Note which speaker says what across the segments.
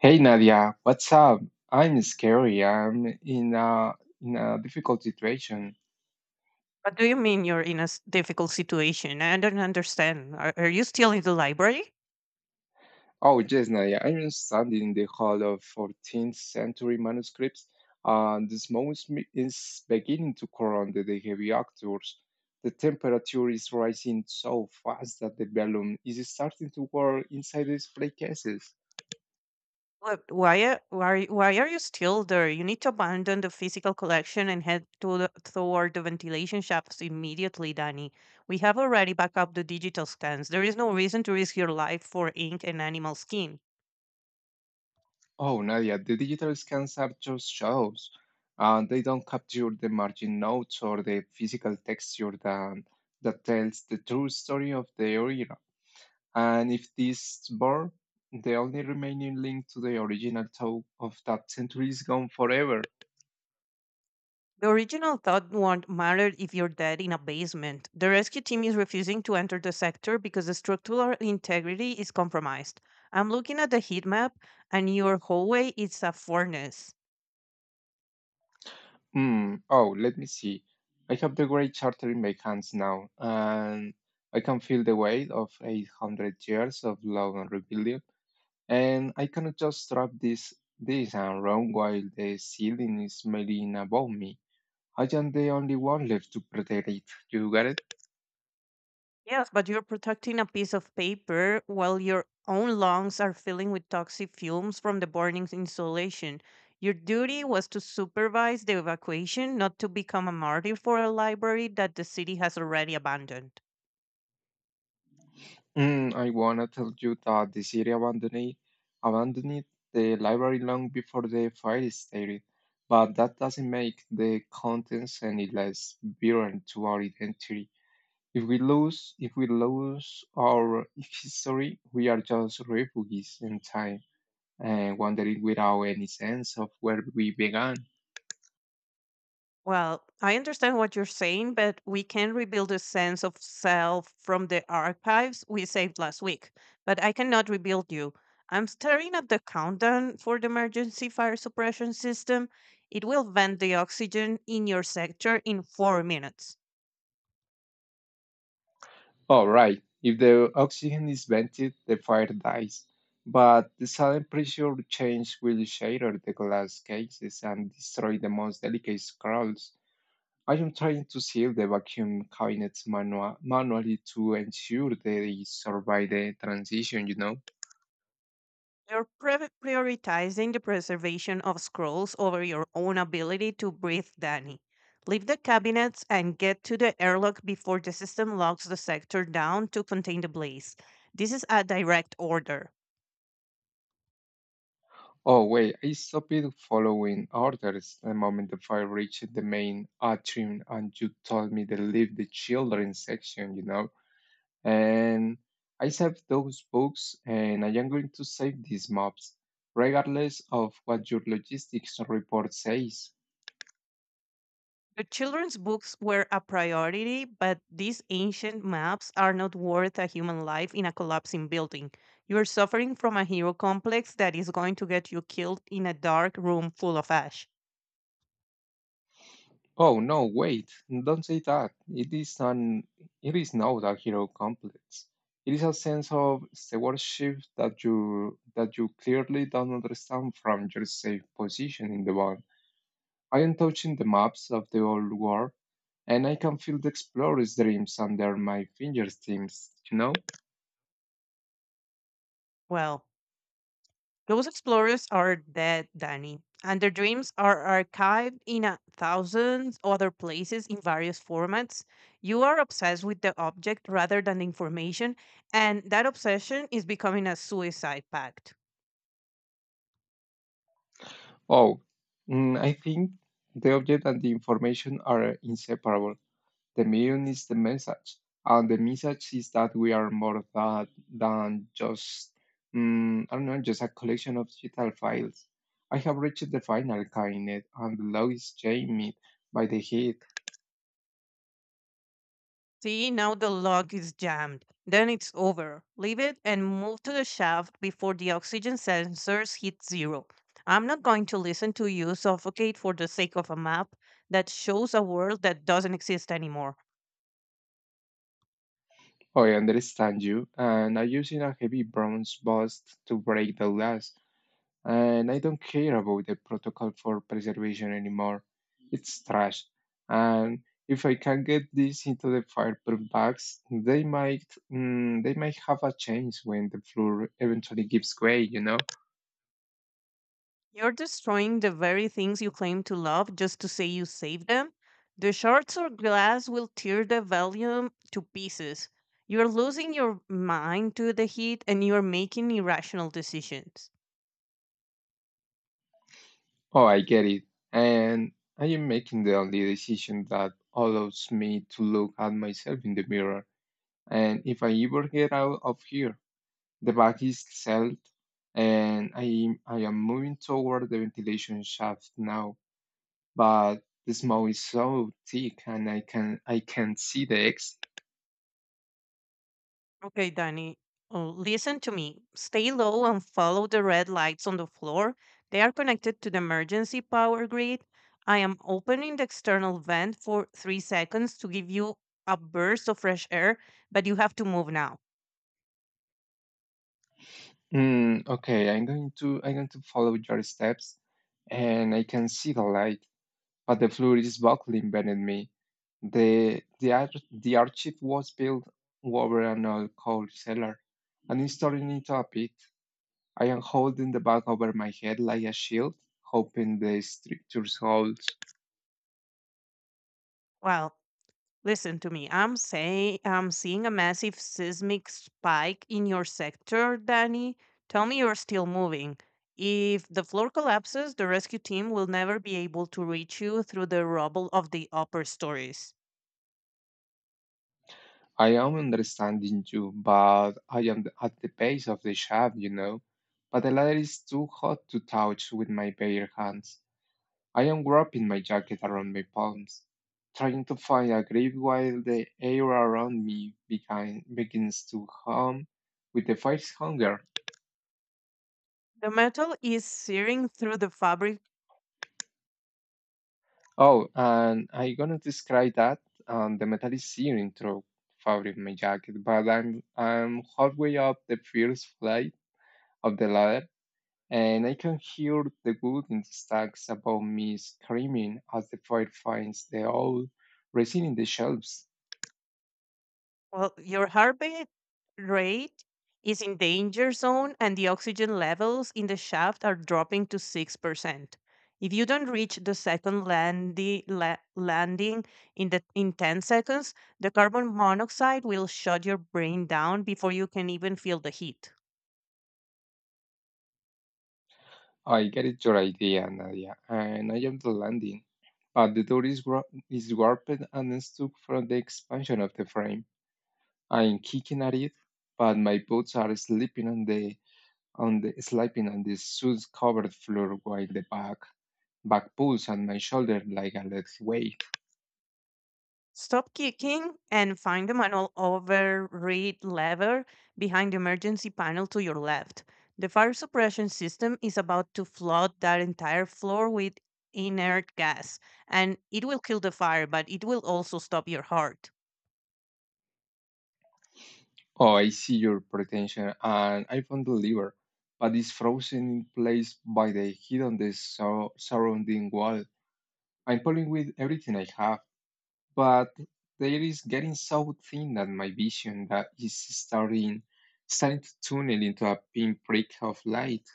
Speaker 1: Hey Nadia, what's up? I'm scary. I'm in a difficult situation.
Speaker 2: What do you mean you're in a difficult situation? I don't understand. Are you still in the library?
Speaker 1: Oh yes, Nadia, I'm studying the whole of 14th century manuscripts, and the is beginning to corrode the heavy actors. The temperature is rising so fast that the balloon is starting to whirl inside the play cases.
Speaker 2: Why are you still there? You need to abandon the physical collection and head to toward the ventilation shafts immediately, Danny. We have already backed up the digital scans. There is no reason to risk your life for ink and animal skin.
Speaker 1: Oh, Nadia, the digital scans are just shows. They don't capture the margin notes or the physical texture that tells the true story of the original. And if this is the only remaining link to the original toe of that century is gone forever.
Speaker 2: The original thought won't matter if you're dead in a basement. The rescue team is refusing to enter the sector because the structural integrity is compromised. I'm looking at the heat map, and your hallway is a furnace.
Speaker 1: Hmm. Oh, let me see. I have the great charter in my hands now, and I can feel the weight of 800 years of love and rebellion. And I cannot just wrap this arm around while the ceiling is smiling above me. I am the only one left to protect it. You got it?
Speaker 2: Yes, but you're protecting a piece of paper while your own lungs are filling with toxic fumes from the burning insulation. Your duty was to supervise the evacuation, not to become a martyr for a library that the city has already abandoned.
Speaker 1: I wanna tell you that the city abandoned the library long before the fire started, but that doesn't make the contents any less virulent to our identity. If we lose our history, we are just refugees in time, wandering without any sense of where we began.
Speaker 2: Well, I understand what you're saying, but we can rebuild a sense of self from the archives we saved last week. But I cannot rebuild you. I'm staring at the countdown for the emergency fire suppression system. It will vent the oxygen in your sector in 4 minutes.
Speaker 1: Oh, right. If the oxygen is vented, the fire dies. But the sudden pressure change will shatter the glass cases and destroy the most delicate scrolls. I am trying to seal the vacuum cabinets manually to ensure they survive the transition.
Speaker 2: You're prioritizing the preservation of scrolls over your own ability to breathe, Danny. Leave the cabinets and get to the airlock before the system locks the sector down to contain the blaze. This is a direct order.
Speaker 1: Oh, wait, I stopped following orders the moment the fire reached the main atrium, and you told me to leave the children section? And I saved those books, and I am going to save these maps, regardless of what your logistics report says.
Speaker 2: The children's books were a priority, but these ancient maps are not worth a human life in a collapsing building. You are suffering from a hero complex that is going to get you killed in a dark room full of ash.
Speaker 1: Oh no, wait, don't say that. It is an it is not a hero complex. It is a sense of stewardship that you clearly don't understand from your safe position in the world. I am touching the maps of the old world and I can feel the explorer's dreams under my fingertips?
Speaker 2: Well, those explorers are dead, Danny, and their dreams are archived in a thousands other places in various formats. You are obsessed with the object rather than the information, and that obsession is becoming a suicide pact.
Speaker 1: Oh, I think the object and the information are inseparable. The medium is the message, and the message is that we are more that than just I don't know, just a collection of digital files. I have reached the final cabinet, and the law is jammed by the heat.
Speaker 2: See, now the lock is jammed. Then it's over. Leave it and move to the shaft before the oxygen sensors hit zero. I'm not going to listen to you suffocate for the sake of a map that shows a world that doesn't exist anymore.
Speaker 1: I understand you, and I'm using a heavy bronze bust to break the glass, and I don't care about the protocol for preservation anymore. It's trash. And if I can get this into the fireproof bags, they might they might have a change when the floor eventually gives way?
Speaker 2: You're destroying the very things you claim to love just to say you save them. The shards or glass will tear the volume to pieces. You're losing your mind to the heat and you're making irrational decisions.
Speaker 1: Oh, I get it. And I am making the only decision that allows me to look at myself in the mirror. And if I ever get out of here, the bag is settled and I am moving toward the ventilation shaft now, but the smoke is so thick and I can not see the exit.
Speaker 2: Okay, Danny, oh, listen to me. Stay low and follow the red lights on the floor. They are connected to the emergency power grid. I am opening the external vent for 3 seconds to give you a burst of fresh air, but you have to move now.
Speaker 1: Okay, I'm going to follow your steps and I can see the light, but the floor is buckling beneath me. The archive was built over an old coal cellar, and I'm storing it up it. I am holding the bag over my head like a shield, hoping the structure holds.
Speaker 2: Well, listen to me. I'm saying I'm seeing a massive seismic spike in your sector, Danny. Tell me you're still moving. If the floor collapses, the rescue team will never be able to reach you through the rubble of the upper stories.
Speaker 1: I am understanding you, but I am at the base of the shaft. But the ladder is too hot to touch with my bare hands. I am wrapping my jacket around my palms, trying to find a grip while the air around me begins to hum with the first hunger.
Speaker 2: The metal is searing through the fabric.
Speaker 1: Oh, and I'm gonna describe that. The metal is searing through fabric of my jacket, but I'm halfway up the first flight of the ladder and I can hear the wood in the stacks above me screaming as the fire finds the old resin in the shelves.
Speaker 2: Well, your heartbeat rate is in danger zone and the oxygen levels in the shaft are dropping to 6%. If you don't reach the second landing in the in 10 seconds, the carbon monoxide will shut your brain down before you can even feel the heat.
Speaker 1: I get it, your idea, Nadia, and I am the landing, but the door is, is warped and stuck from the expansion of the frame. I'm kicking at it, but my boots are slipping on the slipping on the soot covered floor while the back pulls on my shoulder like a lead weight.
Speaker 2: Stop kicking and find the manual override lever behind the emergency panel to your left. The fire suppression system is about to flood that entire floor with inert gas, and it will kill the fire, but it will also stop your heart.
Speaker 1: Oh, I see your pretension, and I found the liver, but it's frozen in place by the heat on the surrounding wall. I'm pulling with everything I have, but there is getting so thin that my vision that is starting to tunnel into a pinprick of light.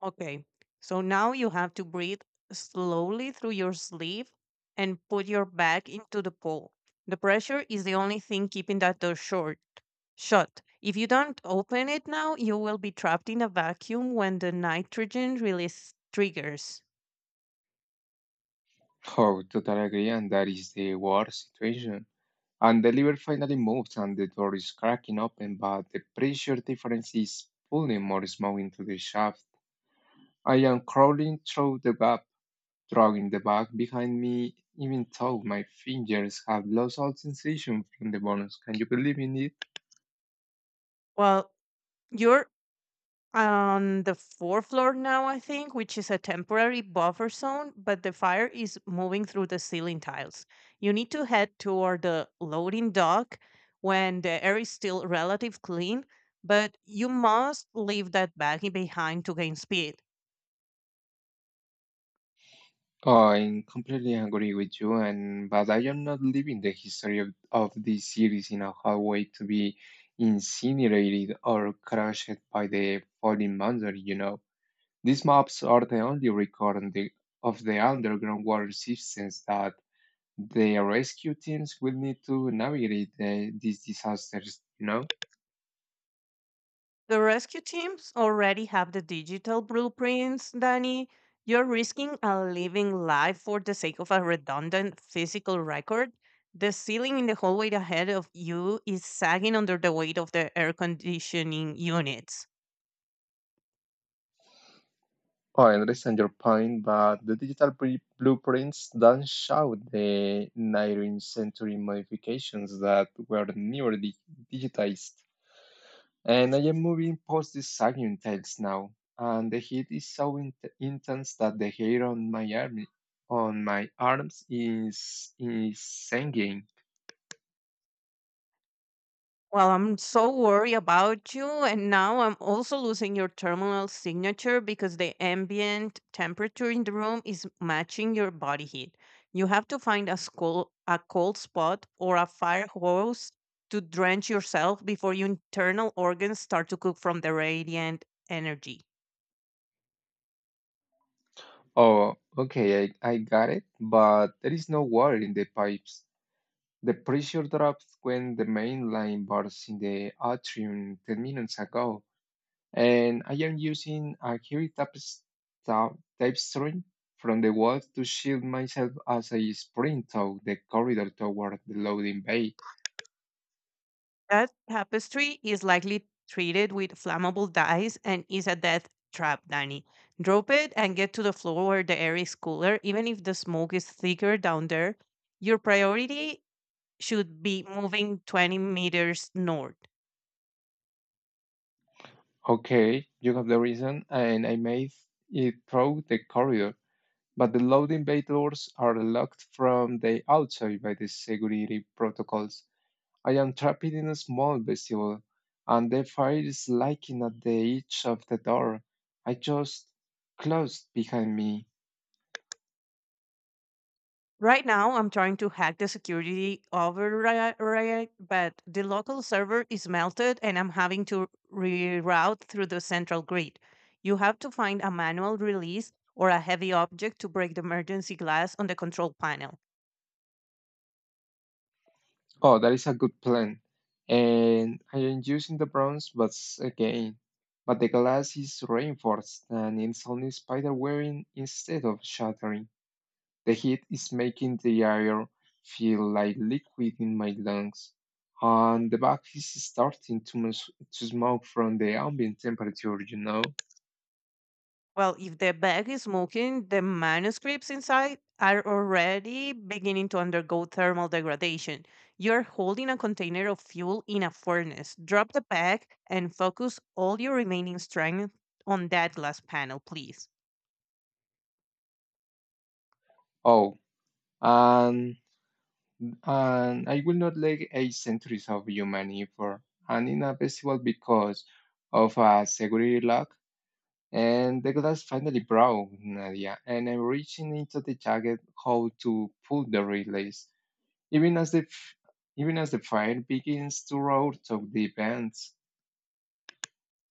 Speaker 2: Okay, so now you have to breathe slowly through your sleeve and put your back into the pole. The pressure is the only thing keeping that door short shut. If you don't open it now, you will be trapped in a vacuum when the nitrogen release triggers.
Speaker 1: Oh, totally agree, and that is the worst situation. And the liver finally moves, and the door is cracking open, but the pressure difference is pulling more smoke into the shaft. I am crawling through the gap, dragging the bag behind me, even though my fingers have lost all sensation from the bones. Can you believe in it?
Speaker 2: Well, you're on the fourth floor now, I think, which is a temporary buffer zone, but the fire is moving through the ceiling tiles. You need to head toward the loading dock when the air is still relative clean, but you must leave that baggie behind to gain speed.
Speaker 1: I completely agree with you, and but I am not leaving the history of this series in a hallway to be incinerated or crushed by the falling monster. These maps are the only record of the underground water systems that the rescue teams will need to navigate these disasters?
Speaker 2: The rescue teams already have the digital blueprints, Danny. You're risking a living life for the sake of a redundant physical record. The ceiling in the hallway ahead of you is sagging under the weight of the air conditioning units.
Speaker 1: I understand your point, but the blueprints don't show the 19th century modifications that were never digitized. And I am moving past the sagging tails now, and the heat is so intense that the hair on on my arms is sagging.
Speaker 2: Well, I'm so worried about you. And now I'm also losing your thermal signature because the ambient temperature in the room is matching your body heat. You have to find a, school, a cold spot or a fire hose to drench yourself before your internal organs start to cook from the radiant energy.
Speaker 1: Oh, okay, I got it, but there is no water in the pipes. The pressure drops when the main line bursts in the atrium 10 minutes ago, and I am using a ta- tapestry from the wall to shield myself as I sprint out the corridor toward the loading bay.
Speaker 2: That tapestry is likely treated with flammable dyes and is a death trap, Danny. Drop it and get to the floor where the air is cooler, even if the smoke is thicker down there. Your priority should be moving 20 meters north.
Speaker 1: Okay, you have the reason, and I made it through the corridor, but the loading bay doors are locked from the outside by the security protocols. I am trapped in a small vestibule, and the fire is lighting at the edge of the door I just closed behind me.
Speaker 2: Right now, I'm trying to hack the security override, right, but the local server is melted and I'm having to reroute through the central grid. You have to find a manual release or a heavy object to break the emergency glass on the control panel.
Speaker 1: Oh, that is a good plan. And I am using the again. But the glass is reinforced and it's only spider wearing instead of shattering. The heat is making the air feel like liquid in my lungs. And the back is starting to smoke from the ambient temperature.
Speaker 2: Well, if the bag is smoking, the manuscripts inside are already beginning to undergo thermal degradation. You're holding a container of fuel in a furnace. Drop the bag and focus all your remaining strength on that glass panel, please.
Speaker 1: Oh, and and I will not lag 8 centuries of human effort and inevitable because of a security lock. And the glass finally broke, Nadia, and I'm reaching into the jacket hole to pull the release. Even as the f- Even as the fire begins to roar through the vents.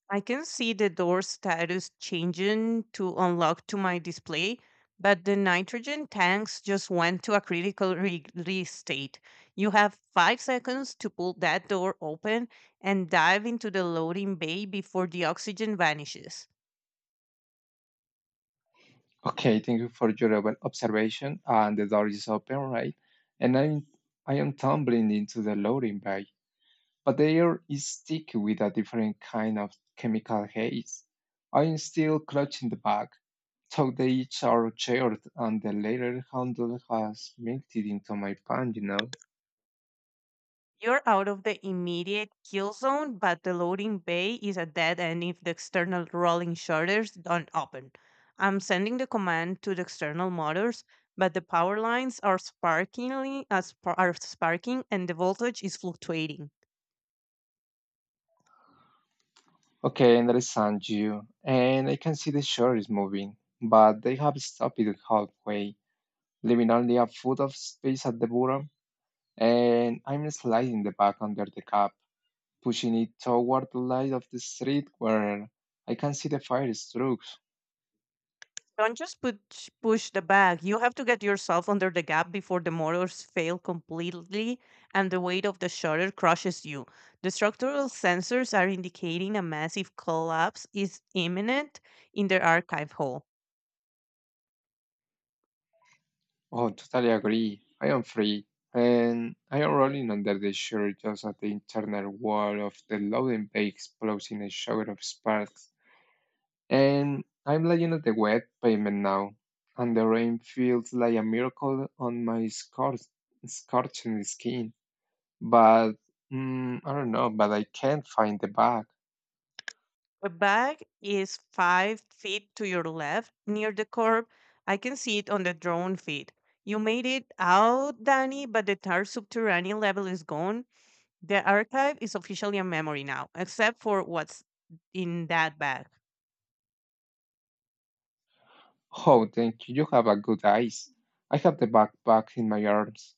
Speaker 2: I can see the door status changing to unlock to my display, but the nitrogen tanks just went to a critical release state. You have 5 seconds to pull that door open and dive into the loading bay before the oxygen vanishes.
Speaker 1: Okay, thank you for your observation. And the door is open, right? And I am tumbling into the loading bay but the air is thick with a different kind of chemical haze. I'm still clutching the bag. So they each are shared and the later handle has melted into my palm.
Speaker 2: You're out of the immediate kill zone, but the loading bay is a dead end if the external rolling shutters don't open. I'm sending the command to the external motors, but the power lines are sparkingly are sparking and the voltage is fluctuating.
Speaker 1: Okay, and understand you. And I can see the shore is moving, but they have stopped it halfway, leaving only a foot of space at the bottom. And I'm sliding the bag under the cap, pushing it toward the light of the street where I can see the fire strokes.
Speaker 2: Don't just push the bag. You have to get yourself under the gap before the motors fail completely and the weight of the shutter crushes you. The structural sensors are indicating a massive collapse is imminent in the archive hole.
Speaker 1: Oh, totally agree. I am free, and I am rolling under the shore just as the internal wall of the loading bay explodes in a shower of sparks. And I'm lying on the wet pavement now, and the rain feels like a miracle on my scorching skin. But I don't know, but I can't find the bag.
Speaker 2: The bag is 5 feet to your left near the curb. I can see it on the drone feed. You made it out, Danny, but the entire subterranean level is gone. The archive is officially a memory now, except for what's in that bag.
Speaker 1: Oh, thank you. You have a good eyes. I have the backpack in my arms.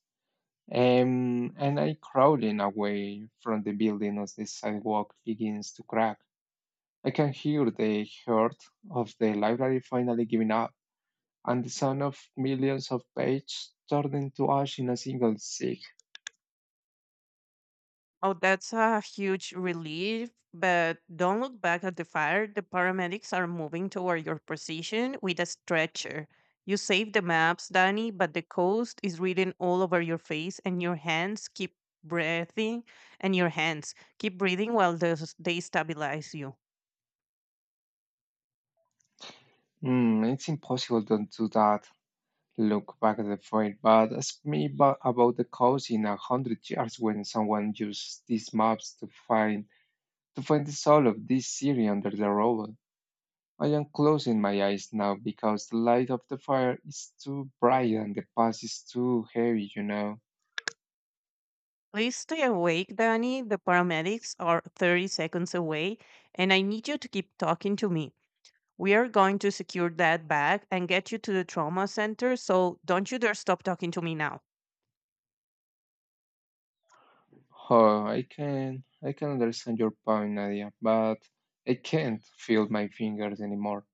Speaker 1: And I crowding away from the building as the sidewalk begins to crack. I can hear the hurt of the library finally giving up, and the sound of millions of pages turning to ash in a single sick.
Speaker 2: Oh, that's a huge relief, but don't look back at the fire. The paramedics are moving toward your position with a stretcher. You saved the maps, Danny, but the coast is written all over your face and your hands keep breathing and your hands keep breathing while they stabilize you.
Speaker 1: It's impossible to do that. Look back at the fight, but ask me about the cause in 100 years when someone used these maps to find the soul of this city under the rubble. I am closing my eyes now because the light of the fire is too bright and the past is too heavy.
Speaker 2: Please stay awake, Danny. The paramedics are 30 seconds away and I need you to keep talking to me. We are going to secure that bag and get you to the trauma center, so don't you dare stop talking to me now.
Speaker 1: Oh, I can understand your point, Nadia, but I can't feel my fingers anymore.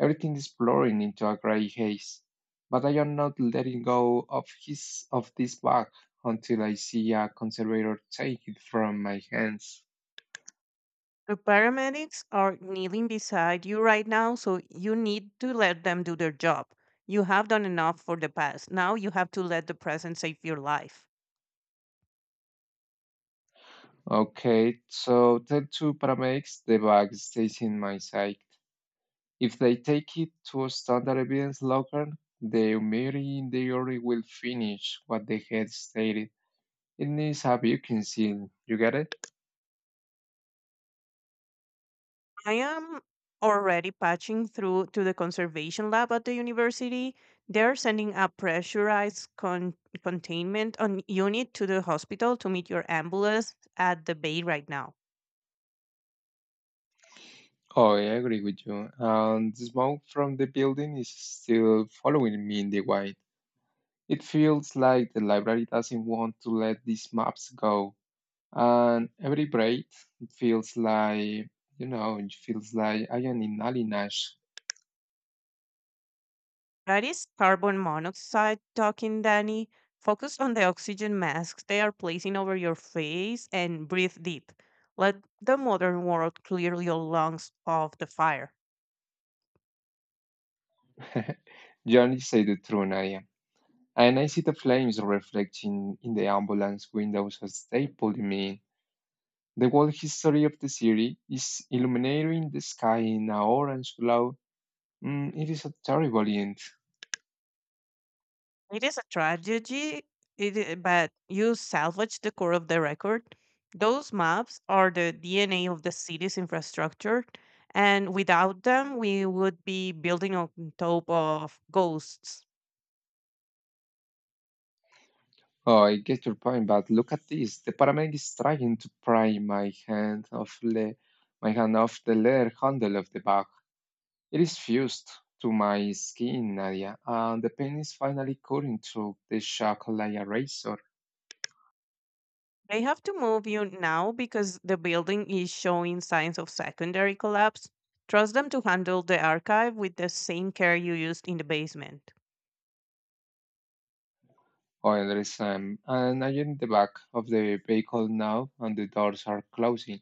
Speaker 1: Everything is blurring into a gray haze. But I am not letting go of his of this bag until I see a conservator take it from my hands.
Speaker 2: The paramedics are kneeling beside you right now, so you need to let them do their job. You have done enough for the past. Now you have to let the present save your life.
Speaker 1: Okay, so tell two paramedics the bag stays in my side. If they take it to a standard evidence locker, the memory in theory will finish what the head stated. It needs a Bucking seal. You get it?
Speaker 2: I am already patching through to the conservation lab at the university. They're sending a pressurized containment on unit to the hospital to meet your ambulance at the bay right now.
Speaker 1: Oh, I agree with you. And the smoke from the building is still following me in the white. It feels like the library doesn't want to let these maps go. And every breath feels like it feels like I am in alienage.
Speaker 2: That is carbon monoxide talking, Danny. Focus on the oxygen masks they are placing over your face and breathe deep. Let the modern world clear your lungs of the fire.
Speaker 1: Johnny said the truth, Nadia, and I see the flames reflecting in the ambulance windows as they pull me in. The whole history of the city is illuminating the sky in an orange glow. It is a terrible end.
Speaker 2: It is a tragedy, but you salvage the core of the record. Those maps are the DNA of the city's infrastructure, and without them, we would be building on top of ghosts.
Speaker 1: Oh, I get your point, but look at this. The paramedic is trying to pry my hand off the my hand off the leather handle of the bag. It is fused to my skin, Nadia, and the pain is finally cutting through the shock like a razor.
Speaker 2: They have to move you now because the building is showing signs of secondary collapse. Trust them to handle the archive with the same care you used in the basement.
Speaker 1: I understand. And I am in the back of the vehicle now, and the doors are closing.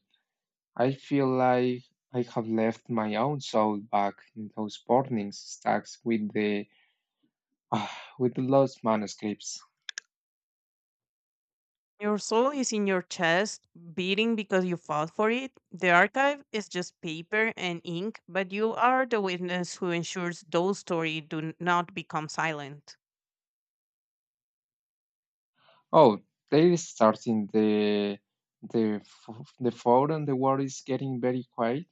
Speaker 1: I feel like I have left my own soul back in those burning stacks with ah, with the lost manuscripts.
Speaker 2: Your soul is in your chest, beating because you fought for it. The archive is just paper and ink, but you are the witness who ensures those stories not become silent.
Speaker 1: Oh, they is starting the phone, and the world is getting very quiet.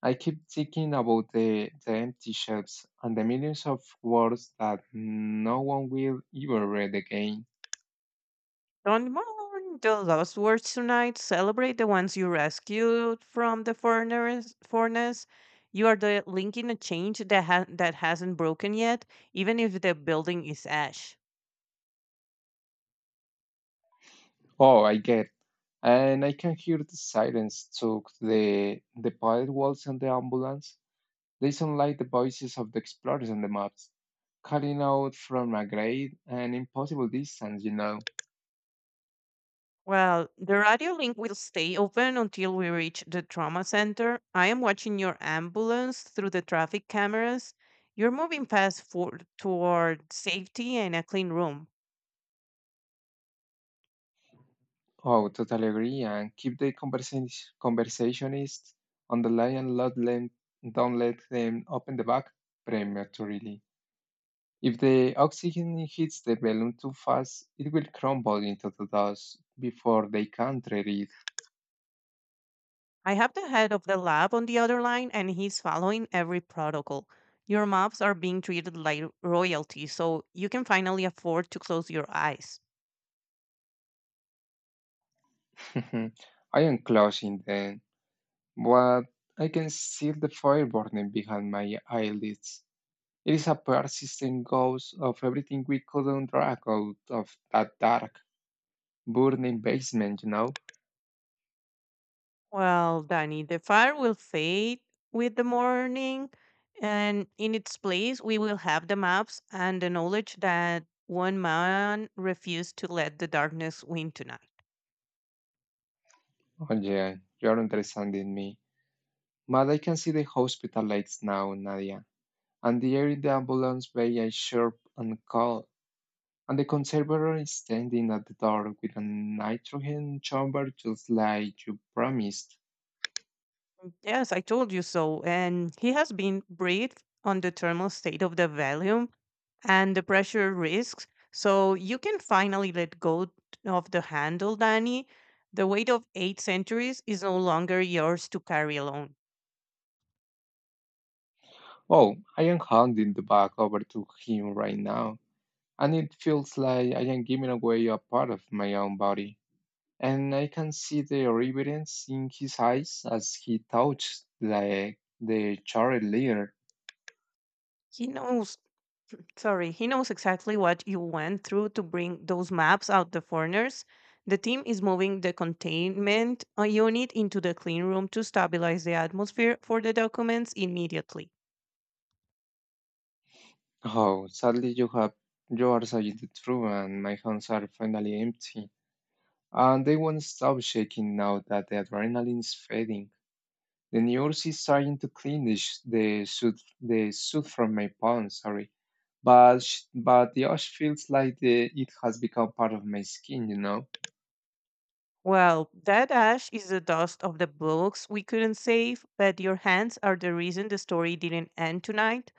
Speaker 1: I keep thinking about the empty shelves and the millions of words that no one will ever read again.
Speaker 2: Don't mourn the lost words tonight. Celebrate the ones you rescued from the furnace. You are the link in a change that that hasn't broken yet, even if the building is ash.
Speaker 1: Oh, I get. And I can hear the sirens took the pilot walls and the ambulance. They sound like the voices of the explorers on the maps, calling out from a great and impossible distance.
Speaker 2: Well, the radio link will stay open until we reach the trauma center. I am watching your ambulance through the traffic cameras. You're moving fast toward safety and a clean room.
Speaker 1: Oh, totally agree. And keep the conversationists on the line and let them, don't let them open the back prematurely. If the oxygen hits the balloon too fast, it will crumble into the dust before they can reach.
Speaker 2: I have the head of the lab on the other line, and he's following every protocol. Your mobs are being treated like royalty, so you can finally afford to close your eyes.
Speaker 1: Mhm. I am closing then, but I can see the fire burning behind my eyelids. It is a persistent ghost of everything we couldn't drag out of that dark, burning basement?
Speaker 2: Well, Danny, the fire will fade with the morning, and in its place, we will have the maps and the knowledge that one man refused to let the darkness win tonight.
Speaker 1: Oh, yeah, you're understanding me. But I can see the hospital lights now, Nadia, and the air in the ambulance bay is sharp and cold, and the conservator is standing at the door with a nitrogen chamber just like you promised.
Speaker 2: Yes, I told you so. And he has been briefed on the thermal state of the valley and the pressure risks. So you can finally let go of the handle, Danny. The weight of 8 centuries is no longer yours to carry alone.
Speaker 1: Oh, I am handing the bag over to him right now, and it feels like I am giving away a part of my own body. And I can see the reverence in his eyes as he touches the charred layer.
Speaker 2: He knows Sorry, he knows exactly what you went through to bring those maps out the foreigners. The team is moving the containment unit into the clean room to stabilize the atmosphere for the documents immediately.
Speaker 1: Oh, sadly you are saying the truth and my hands are finally empty. And they won't stop shaking now that the adrenaline is fading. The nurse is trying to cleanish the soot from my palm, sorry, but but the ash feels like it has become part of my skin.
Speaker 2: Well, that ash is the dust of the books we couldn't save, but your hands are the reason the story didn't end tonight.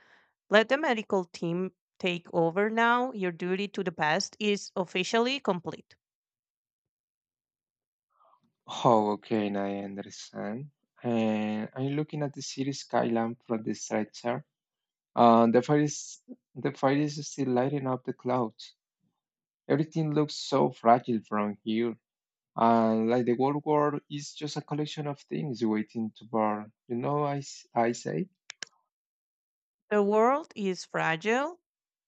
Speaker 2: Let the medical team take over now. Your duty to the past is officially complete.
Speaker 1: Oh, okay, now I understand. And I'm looking at the city skyline from the stretcher. Uh, the fire is the fire is still lighting up the clouds. Everything looks so fragile from here, and like the whole world is just a collection of things waiting to burn. I say.
Speaker 2: The world is fragile,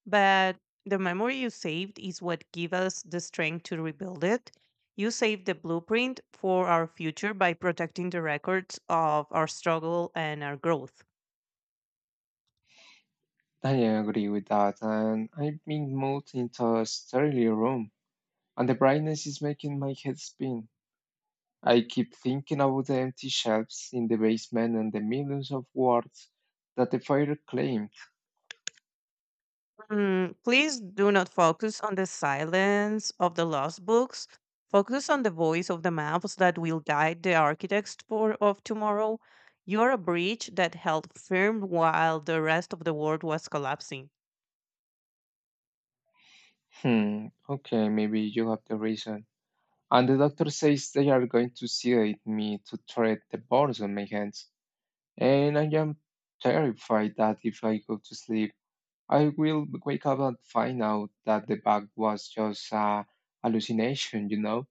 Speaker 2: but the memory you saved is what gives us the strength to rebuild it. You saved the blueprint for our future by protecting the records of our struggle and our growth.
Speaker 1: I agree with that, and I've been moved into a stereo room, and the brightness is making my head spin. I keep thinking about the empty shelves in the basement and the millions of words that the fire claimed.
Speaker 2: Mm, please do not focus on the silence of the lost books. Focus on the voice of the maps that will guide the architects of tomorrow. You're a bridge that held firm while the rest of the world was collapsing.
Speaker 1: Hmm, okay, maybe you have the reason. And the doctor says they are going to sedate me to treat the burns on my hands, and I am terrified that if I go to sleep, I will wake up and find out that the bug was just a hallucination?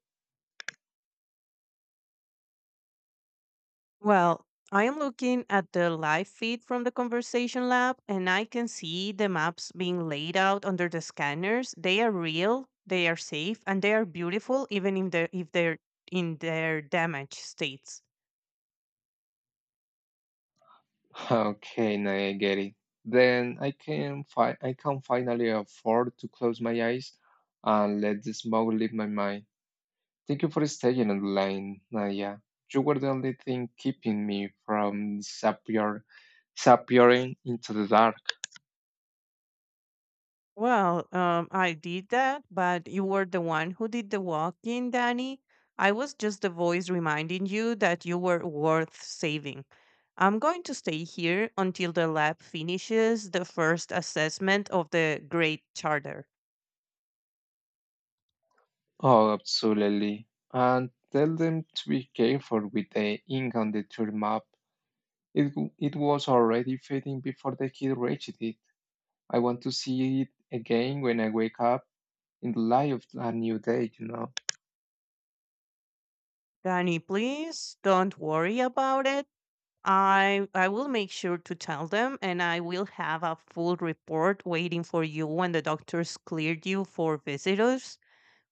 Speaker 2: Well, I am looking at the live feed from the conversation lab, and I can see the maps being laid out under the scanners. They are real, they are safe, and they are beautiful, even if if they're in their damaged states.
Speaker 1: Okay, now I get it. Then I can finally afford to close my eyes and let the smoke leave my mind. Thank you for staying on the line, Nadia. You were the only thing keeping me from disappearing into the dark.
Speaker 2: Well, I did that, but you were the one who did the walking, Danny. I was just the voice reminding you that you were worth saving. I'm going to stay here until the lab finishes the first assessment of the Great Charter.
Speaker 1: Oh, absolutely. And tell them to be careful with the ink on the tour map. It was already fading before the kid reached it. I want to see it again when I wake up in the light of a new day.
Speaker 2: Danny, please don't worry about it. I will make sure to tell them and I will have a full report waiting for you when the doctors cleared you for visitors.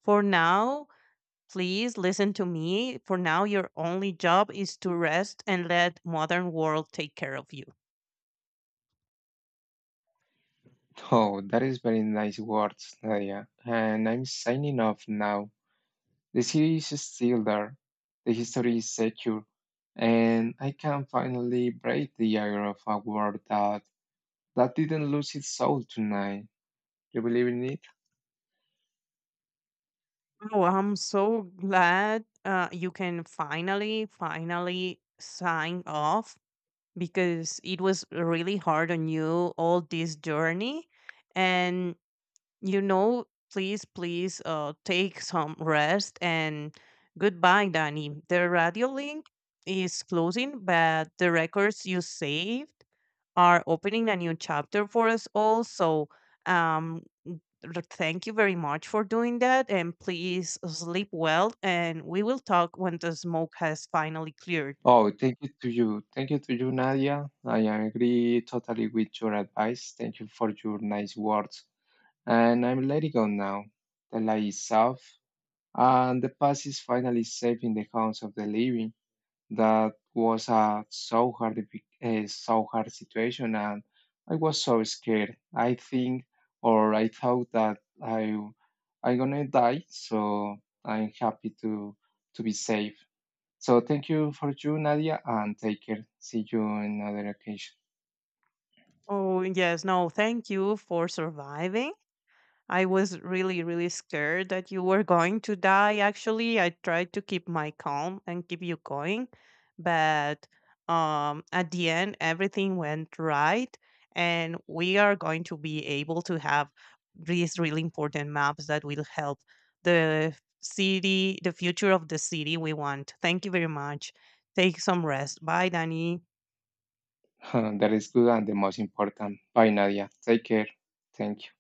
Speaker 2: For now, Please listen to me. For now, your only job is to rest and let modern world take care of you.
Speaker 1: Oh, that is very nice words, Nadia. And I'm signing off now. The city is still there, the history is secure, and I can finally break the iron of a world that didn't lose its soul tonight. You believe in it?
Speaker 2: Oh, I'm so glad you can finally sign off because it was really hard on you all this journey. And, you know, please take some rest and goodbye, Danny. The radio link is closing, but the records you save are opening a new chapter for us all. So, um, thank you very much for doing that. And please sleep well. And we will talk when the smoke has finally cleared.
Speaker 1: Oh, thank you to you. Thank you to you, Nadia. I agree totally with your advice. Thank you for your nice words. And I'm letting go now. The light is off, and the past is finally safe in the house of the living. That was a so hard situation, and I was so scared. I think, or I thought that I, I'm gonna die. So I'm happy to be safe. So thank you for you, Nadia, and take care. See you another occasion.
Speaker 2: Oh, yes. No, thank you for surviving. I was really scared that you were going to die. Actually, I tried to keep my calm and keep you going, but at the end, everything went right, and we are going to be able to have these really important maps that will help the future of the city we want. Thank you very much. Take some rest. Bye, Danny.
Speaker 1: That is good and the most important. Bye, Nadia. Take care. Thank you.